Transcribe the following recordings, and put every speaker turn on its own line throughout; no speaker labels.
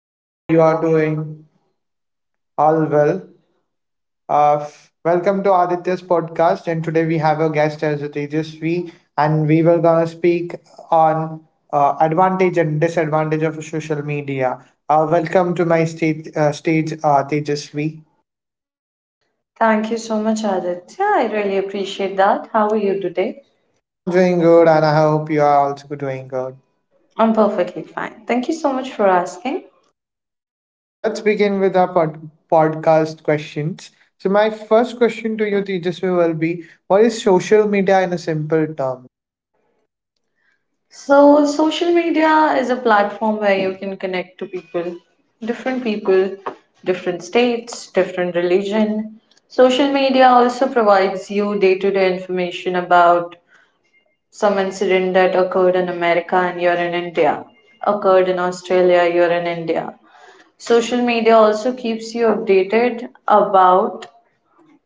I hope you are doing all well. Welcome to Aditya's podcast, and today we have a guest as Tejasvi, and we were gonna speak on advantage and disadvantage of social media. Welcome to my stage, Tejasvi.
Thank you so much, Aditya. I really appreciate that. How are you today?
I'm doing good, and I hope you are also doing good.
I'm perfectly fine. Thank you so much for asking.
So let's begin with our podcast questions. So my first question to you, Tejasvi, will be: What is social media in a simple term?
So, social media is a platform where you can connect to people, different states, different religion. Social media also provides you day to day information about some incident that occurred in America and you're in India, occurred in Australia, you're in India. Social media also keeps you updated about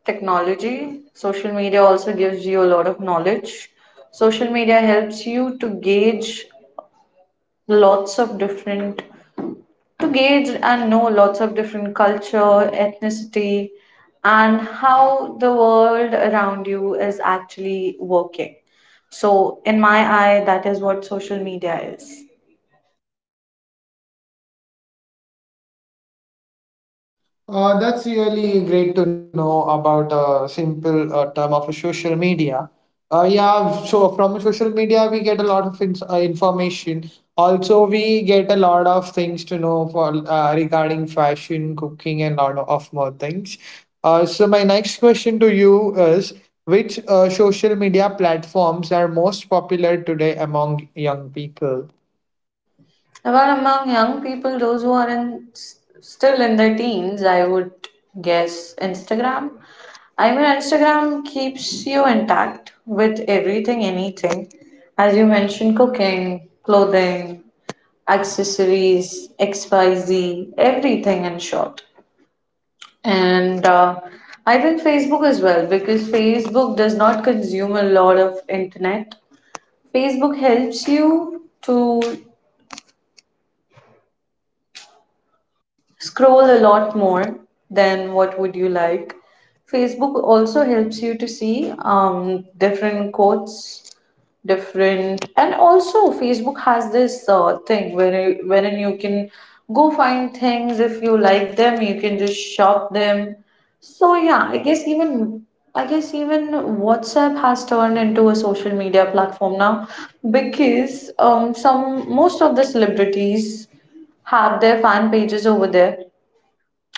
technology. Social media also gives you a lot of knowledge. Social media helps you to gauge lots of different, to gauge and know lots of different culture, ethnicity, and how the world around you is actually working. So, in my eye, that is what social media is.
That's really great to know about a simple term of social media. Yeah, so from social media, we get a lot of ins information. Also, we get a lot of things to know for regarding fashion, cooking, and lot of more things. So my next question to you is, which social media platforms are most popular today among young people?
Well, among young people, those who are in, still in their teens, I would guess Instagram. I mean, Instagram keeps you intact with everything, anything. As you mentioned, cooking, clothing, accessories, XYZ, everything in short. And I think Facebook as well, because Facebook does not consume a lot of internet. Facebook helps you to scroll a lot more than what would you like. Facebook also helps you to see different quotes, different, and also Facebook has this thing where wherein you can go find things if you like them, you can just shop them. So yeah, I guess even WhatsApp has turned into a social media platform now because some most of the celebrities have their fan pages over there,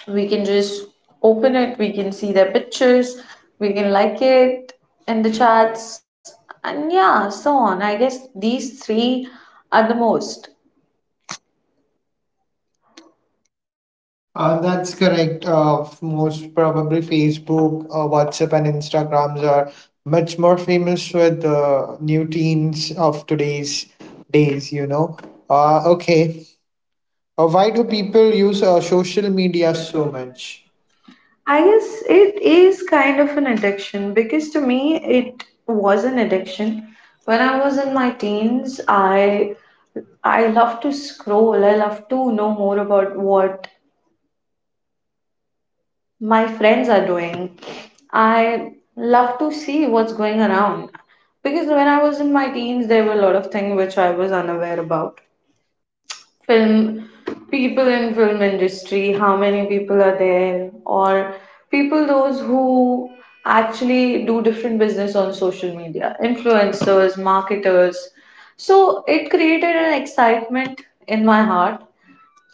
we can just open it, we can see their pictures, we can like it in the chats, and yeah, so on. I guess these three are the most.
That's correct. Most probably Facebook, WhatsApp, and Instagrams are much more famous with the new teens of today's days, you know. Okay. Why do people use social media
India so
so
much.
much?
I guess it is kind of an addiction because to me it was an addiction. When I was in my teens, I love to scroll. I love to know more about what my friends are doing. I love to see what's going around because when I was in my teens, there were a lot of things which I was unaware about. Film, people in film industry, how many people are there, or people those who actually do different business on social media, influencers, marketers. So it created an excitement in my heart.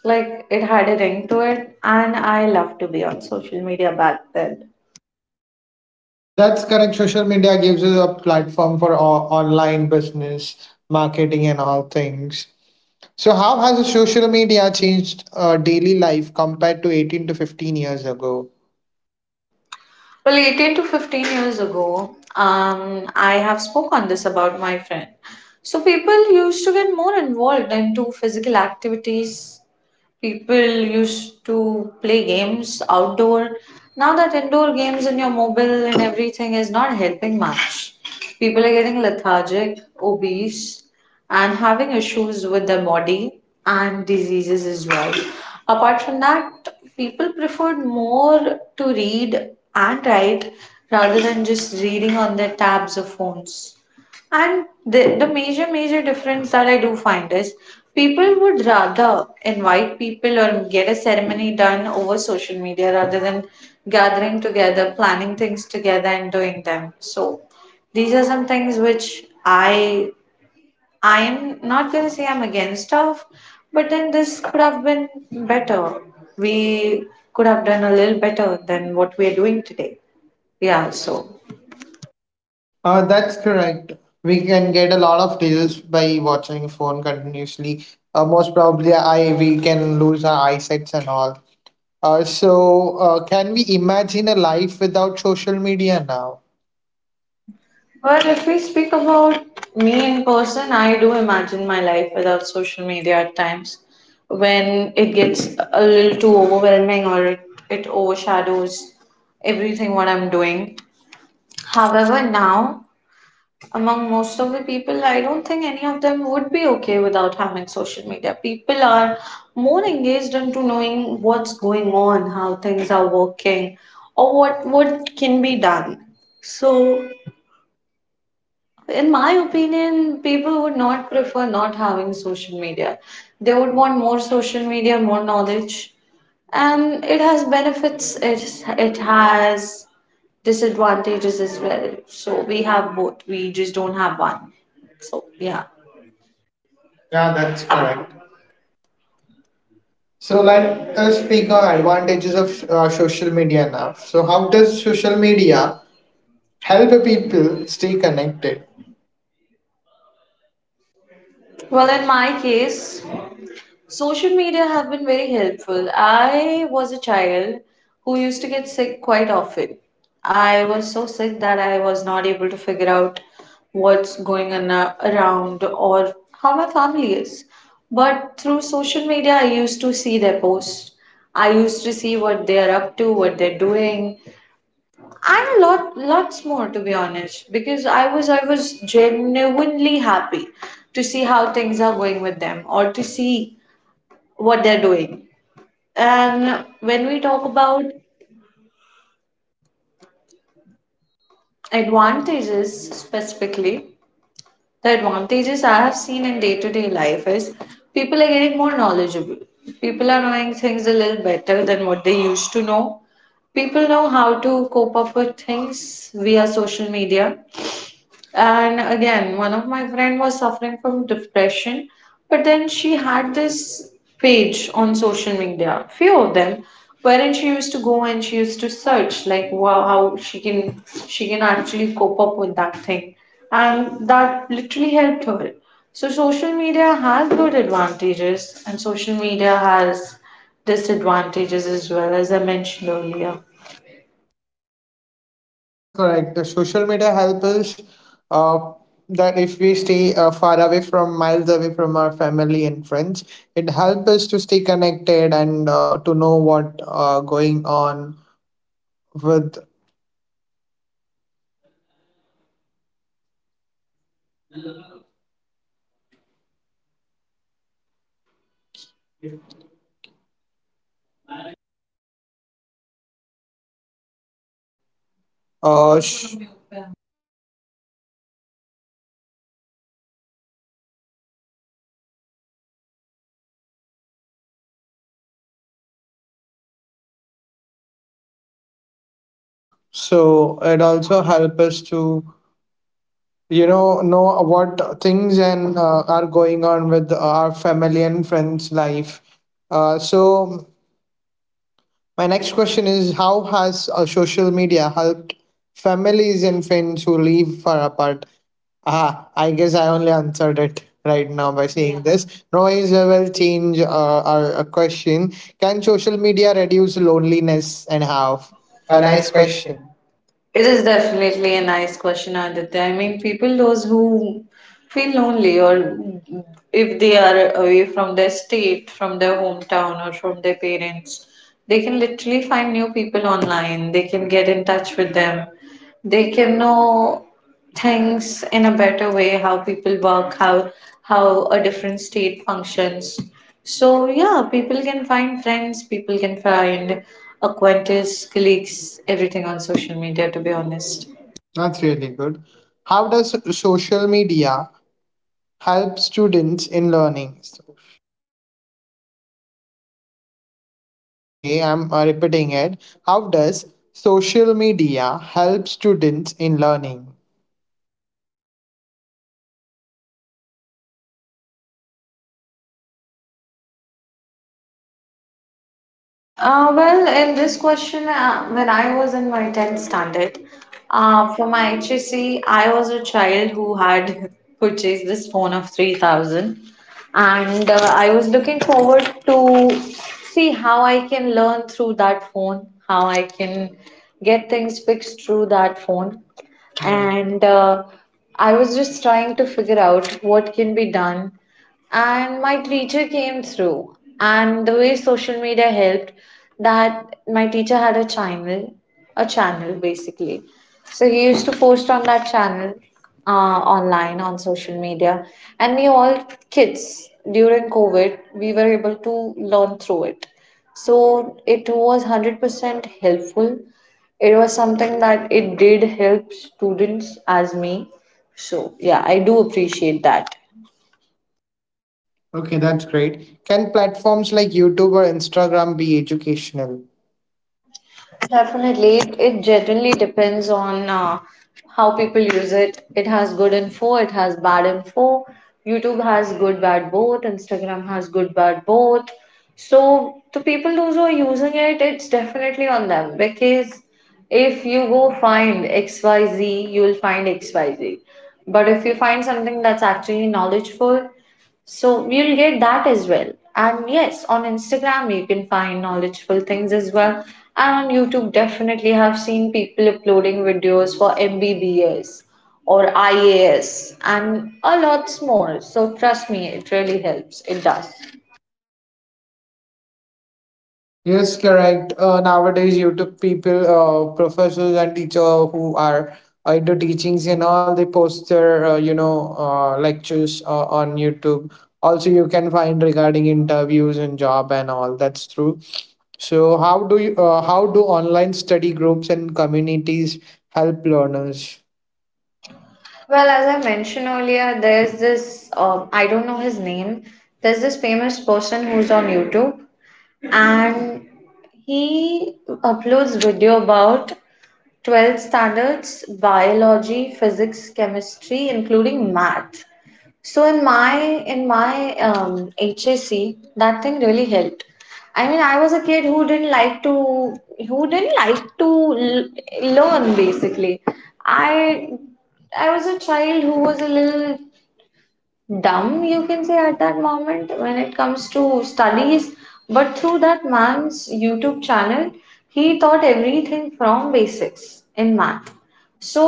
Like it had a ring to it, and I loved to be on social media back then.
That's correct. Social media gives us a platform for online business, marketing, and all things. So, how has social media changed daily life compared to 18 to 15 years ago?
Well, 18 to 15 years ago, I have spoke on this about my friend. So people used to get more involved into physical activities, people used to play games outdoor. Now that indoor games in your mobile and everything is not helping much. People are getting lethargic, obese, and having issues with their body and diseases as well. Apart from that, people preferred more to read and write rather than just reading on their tabs or phones. And the major difference that I do find is people would rather invite people or get a ceremony done over social media rather than gathering together, planning things together, and doing them. So these are some things which I am not gonna say I'm against of, but then this could have been better. We could have done a little better than what we are doing today. Yeah, so
That's correct. We can get a lot of deals by watching phone continuously. Most probably, I we can lose our eyesights and all. So, can we imagine a life without social media now?
but if we speak about me in person, I do imagine my life without social media at times when it gets a little too overwhelming or it overshadows everything what I'm doing. However, now among most of the people, I don't think any of them would be okay without having social media. People are more engaged into knowing what's going on, how things are working, or what can be done. So in my opinion, people would not prefer not having social media. They would want more social media, more knowledge. And it has benefits, it has disadvantages as well. So we have both, we just don't have one. So, yeah. Yeah,
Yeah,
that's
that's
correct.
correct.
So
So, let
let
us
us speak
speak
on
on
advantages
advantages of
of social
social media
media
now.
now.
So,
So how
how does
does
social
social media
media
help
help
people
people
stay
stay
connected?
connected?
Well, in my case, social media have been very helpful. I was a child who used to get sick quite often. I was so sick that I was not able to figure out what's going on around or how my family is. But through social media, I used to see their posts. I used to see what they are up to, what they're doing, and lots more to be honest. Because I was genuinely happy to see how things are going with them or to see what they're doing. And when we talk about advantages specifically, the advantages I have seen in day to day life is people are getting more knowledgeable. People are knowing things a little better than what they used to know. People know how to cope up with things via social media. And again, one of my friend was suffering from depression, but then she had this page on social media, few of them, wherein she used to go and she used to search like, wow, how she can actually cope up with that thing. And that literally helped her. So social media has good advantages and social media has disadvantages as well, as I mentioned earlier.
That's correct. The social media help us uh, that if we stay far away from miles away from our family and friends, it helps us to stay connected and to know what going on with us. So it also helps us to you know what things and are going on with our family and friends life. Uh, so My next question is: How has social media helped families and friends who live far apart? Ah, I guess I only answered it right now by saying this. Now, I will change our question. Can social media reduce loneliness and how?
A
A
nice
nice question.
question. It is definitely a nice question, Aditya. I mean, people, those who feel lonely or if they are away from their state, from their hometown, or from their parents, they can literally find new people online. They can get in touch with them. They can know things in a better way, how people work, how a different state functions. So yeah, people can find friends, people can find acquaintances, colleagues, everything on social media, to be honest.
That's really good. How does social media help students in learning? Okay, I'm repeating it. How does social media help students in learning?
Well, in this question, when I was in my 10th standard, for my HSC, I was a child who had purchased this phone of 3000 and I was looking forward to see how I can learn through that phone, how I can get things fixed through that phone. And I was just trying to figure out what can be done, and my teacher came through, and the way social media helped, that my teacher had a channel basically, so he used to post on that channel, uh, online on social media, and we all kids during COVID, we were able to learn through it. So it was 100% helpful, it was something that it did help students as me. So yeah, I do appreciate that.
Okay, that's great. Can platforms like YouTube or Instagram be educational?
Definitely, it generally depends on how people use it. It has good info, it has bad info. YouTube has good, bad both. Instagram has good, bad both. So, the people those who are using it, it's definitely on them, because if you go find XYZ, you will find XYZ. But if you find something that's actually knowledgeful, so we'll get that as well. And yes, on Instagram you can find knowledgeable things as well. And on YouTube, definitely have seen people uploading videos for MBBS or IAS and a lot more. So trust me, it really helps. It does.
Yes, correct. Nowadays, YouTube people, professors and teacher who are into teachings and all, they post their, you know, lectures on YouTube. Also, you can find regarding interviews and job and all. That's true. So, how do online study groups and communities help learners?
Well, as I mentioned earlier, there's this, I don't know his name, there's this famous person who's on YouTube and he uploads video about 12th standards, biology, physics, chemistry, including math. So in my HAC, that thing really helped. I mean, I was a kid who didn't like to learn basically. I I was a child who was a little dumb, you can say, at that moment when it comes to studies. But through that man's YouTube channel, he taught everything from basics in math. So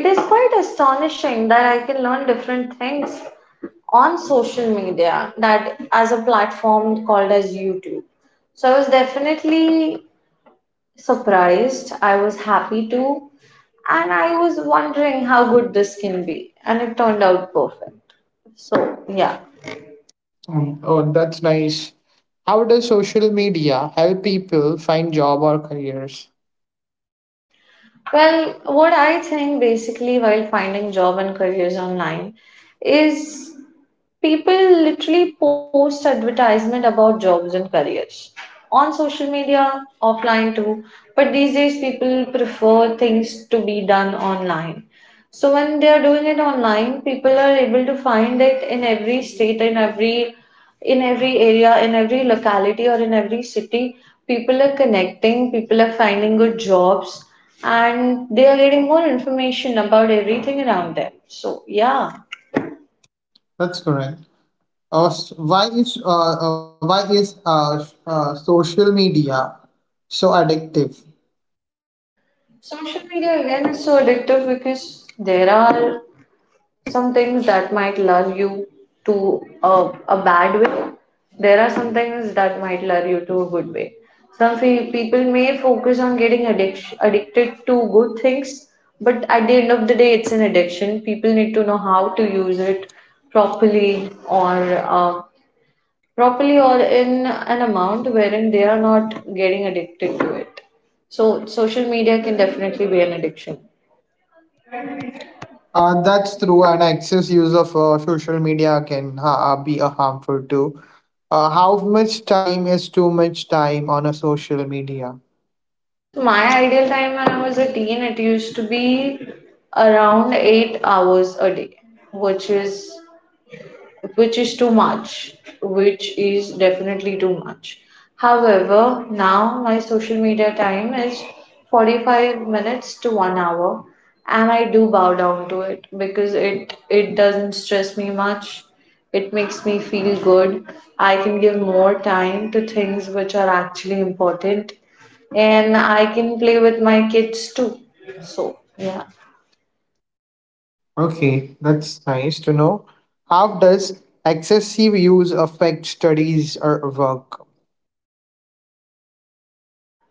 it is quite astonishing that I can learn different things on social media, that as a platform called as YouTube. So I was definitely surprised, I was happy too, and I was wondering how good this can be, and it turned out perfect. So yeah.
Oh, that's nice. How does social media help people find job or careers?
Well, what I think basically while finding job and careers online is people literally post advertisement about jobs and careers on social media, offline too, but these days people prefer things to be done online. So when they are doing it online, people are able to find it in every state, in every area, in every locality, or in every city. People are connecting, people are finding good jobs, and they are getting more information about everything around them. So yeah.
That's correct. S- why is social media so addictive?
Social media again is so addictive because there are some things that might lure you to a bad way. There are some things that might lure you to a good way. Some people may focus on getting addicted to good things, but at the end of the day, it's an addiction. People need to know how to use it properly or uh, properly or in an amount wherein they are not getting addicted to it. So social media can definitely be an addiction.
That's true, and excess use of social media can be a harmful too. How much time is too much time on a social media?
So my ideal time when I was a teen, it used to be around 8 hours a day, which is which is too much, which is definitely too much. However, now my social media time is 45 minutes to 1 hour, and I do bow down to it because it doesn't stress me much. It makes me feel good. I can give more time to things which are actually important, and I can play with my kids too. So, yeah.
Okay, that's nice to know. How does excessive use affect studies or work?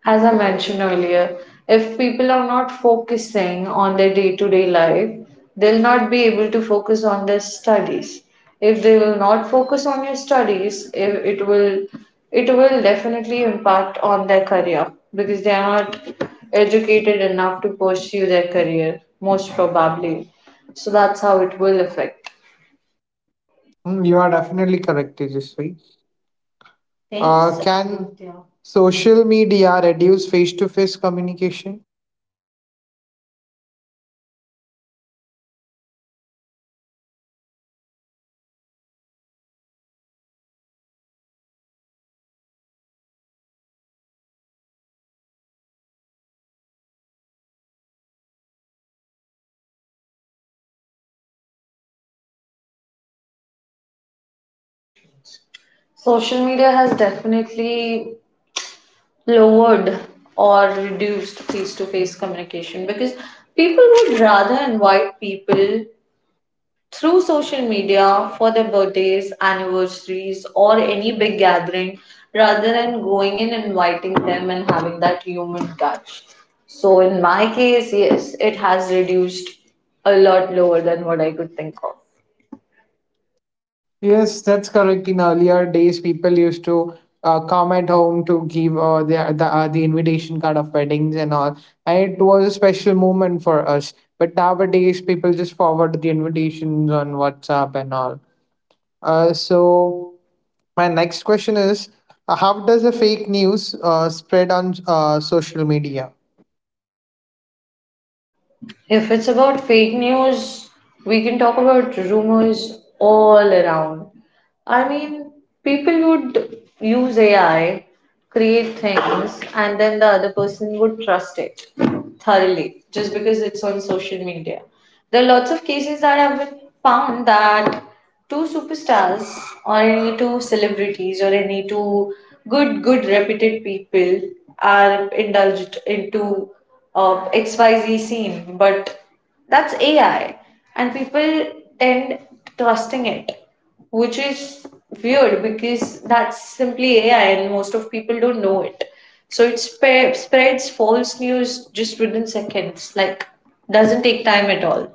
As I mentioned earlier, if people are not focusing on their day to day life, they'll not be able to focus on their studies. If they will not focus on your studies, if it will definitely impact on their career because they are not educated enough to pursue their career, most probably. So that's how it will affect.
You are definitely correct, Tejasvi. Thanks, can Aditya. Social media reduce face to face communication?
Social media has definitely lowered or reduced face to face communication because people would rather invite people through social media for their birthdays, anniversaries, or any big gathering rather than going and inviting them and having that human touch. So, in my case, yes, it has reduced a lot lower than what I could think of.
Yes, that's correct. In earlier days, people used to come at home to give the invitation card of weddings and all, and it was a special moment for us. But nowadays, people just forward the invitations on WhatsApp and all. So, my next question is, how does the fake news spread on social media?
If it's about fake news, we can talk about rumors all around. I mean, people would use AI, create things, and then the other person would trust it thoroughly just because it's on social media. There are lots of cases that have been found that two superstars or any two celebrities or any two good reputed people are indulged into XYZ scene, but that's AI and people tend trusting it, which is weird because that's simply AI and most of people don't know it. So it spreads false news just within seconds, like doesn't take time at all.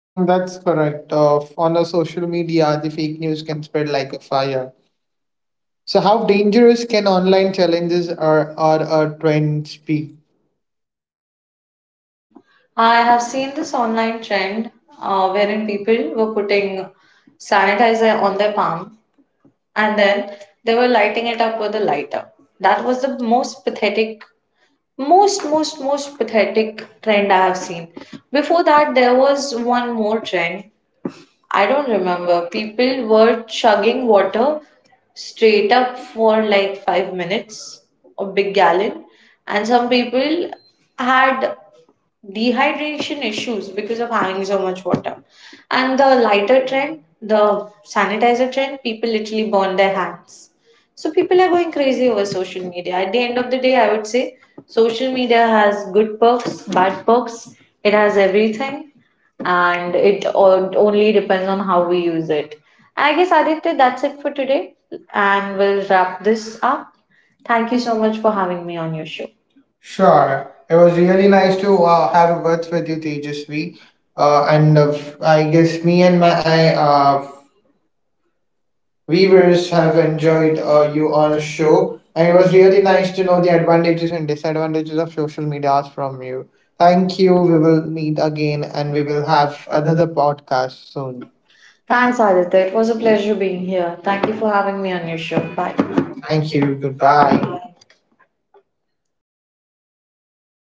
That's correct. On a social media, the fake news can spread like a fire. So, how dangerous can online challenges or a trends be?
I have seen this online trend wherein people were putting sanitizer on their palm and then they were lighting it up with a lighter. That was the most pathetic, most, most, most pathetic trend I have seen. Before that, there was one more trend I don't remember. People were chugging water straight up for like 5 minutes, a big gallon, and some people had dehydration issues because of having so much water. And the lighter trend, the sanitizer trend, people literally burn their hands. So people are going crazy over social media. At the end of the day, I would say social media has good perks, bad perks. It has everything, and it only depends on how we use it. I guess Aditya, that's it for today, and we'll wrap this up. Thank
Thank
you
you
so
so
much
much.
for having me on your show.
Sure.
Sure. It
It
was
was really
really nice
nice
to
to have
have
a
a words
words with
with
you,
you, Tejasvi.
Tejasvi. Uh,
Uh, and
and uh,
uh,
I
I guess
guess
me
me
and
and
my
my I, uh, viewers
viewers
have
have
enjoyed
enjoyed
you
you
on a
on a
show.
show.
And
And
it
it
was
was
really
really
nice
nice
to
to
know
know
the
the advantages.
advantages and disadvantages of social medias from you. Thank
Thank you.
you. We
We will
will meet again and we will
have.
have another podcast soon.
Thanks, Aditya. It was a pleasure being here. Thank you for having me on your show. Bye. Thank
Thank you.
you.
Goodbye.
Goodbye.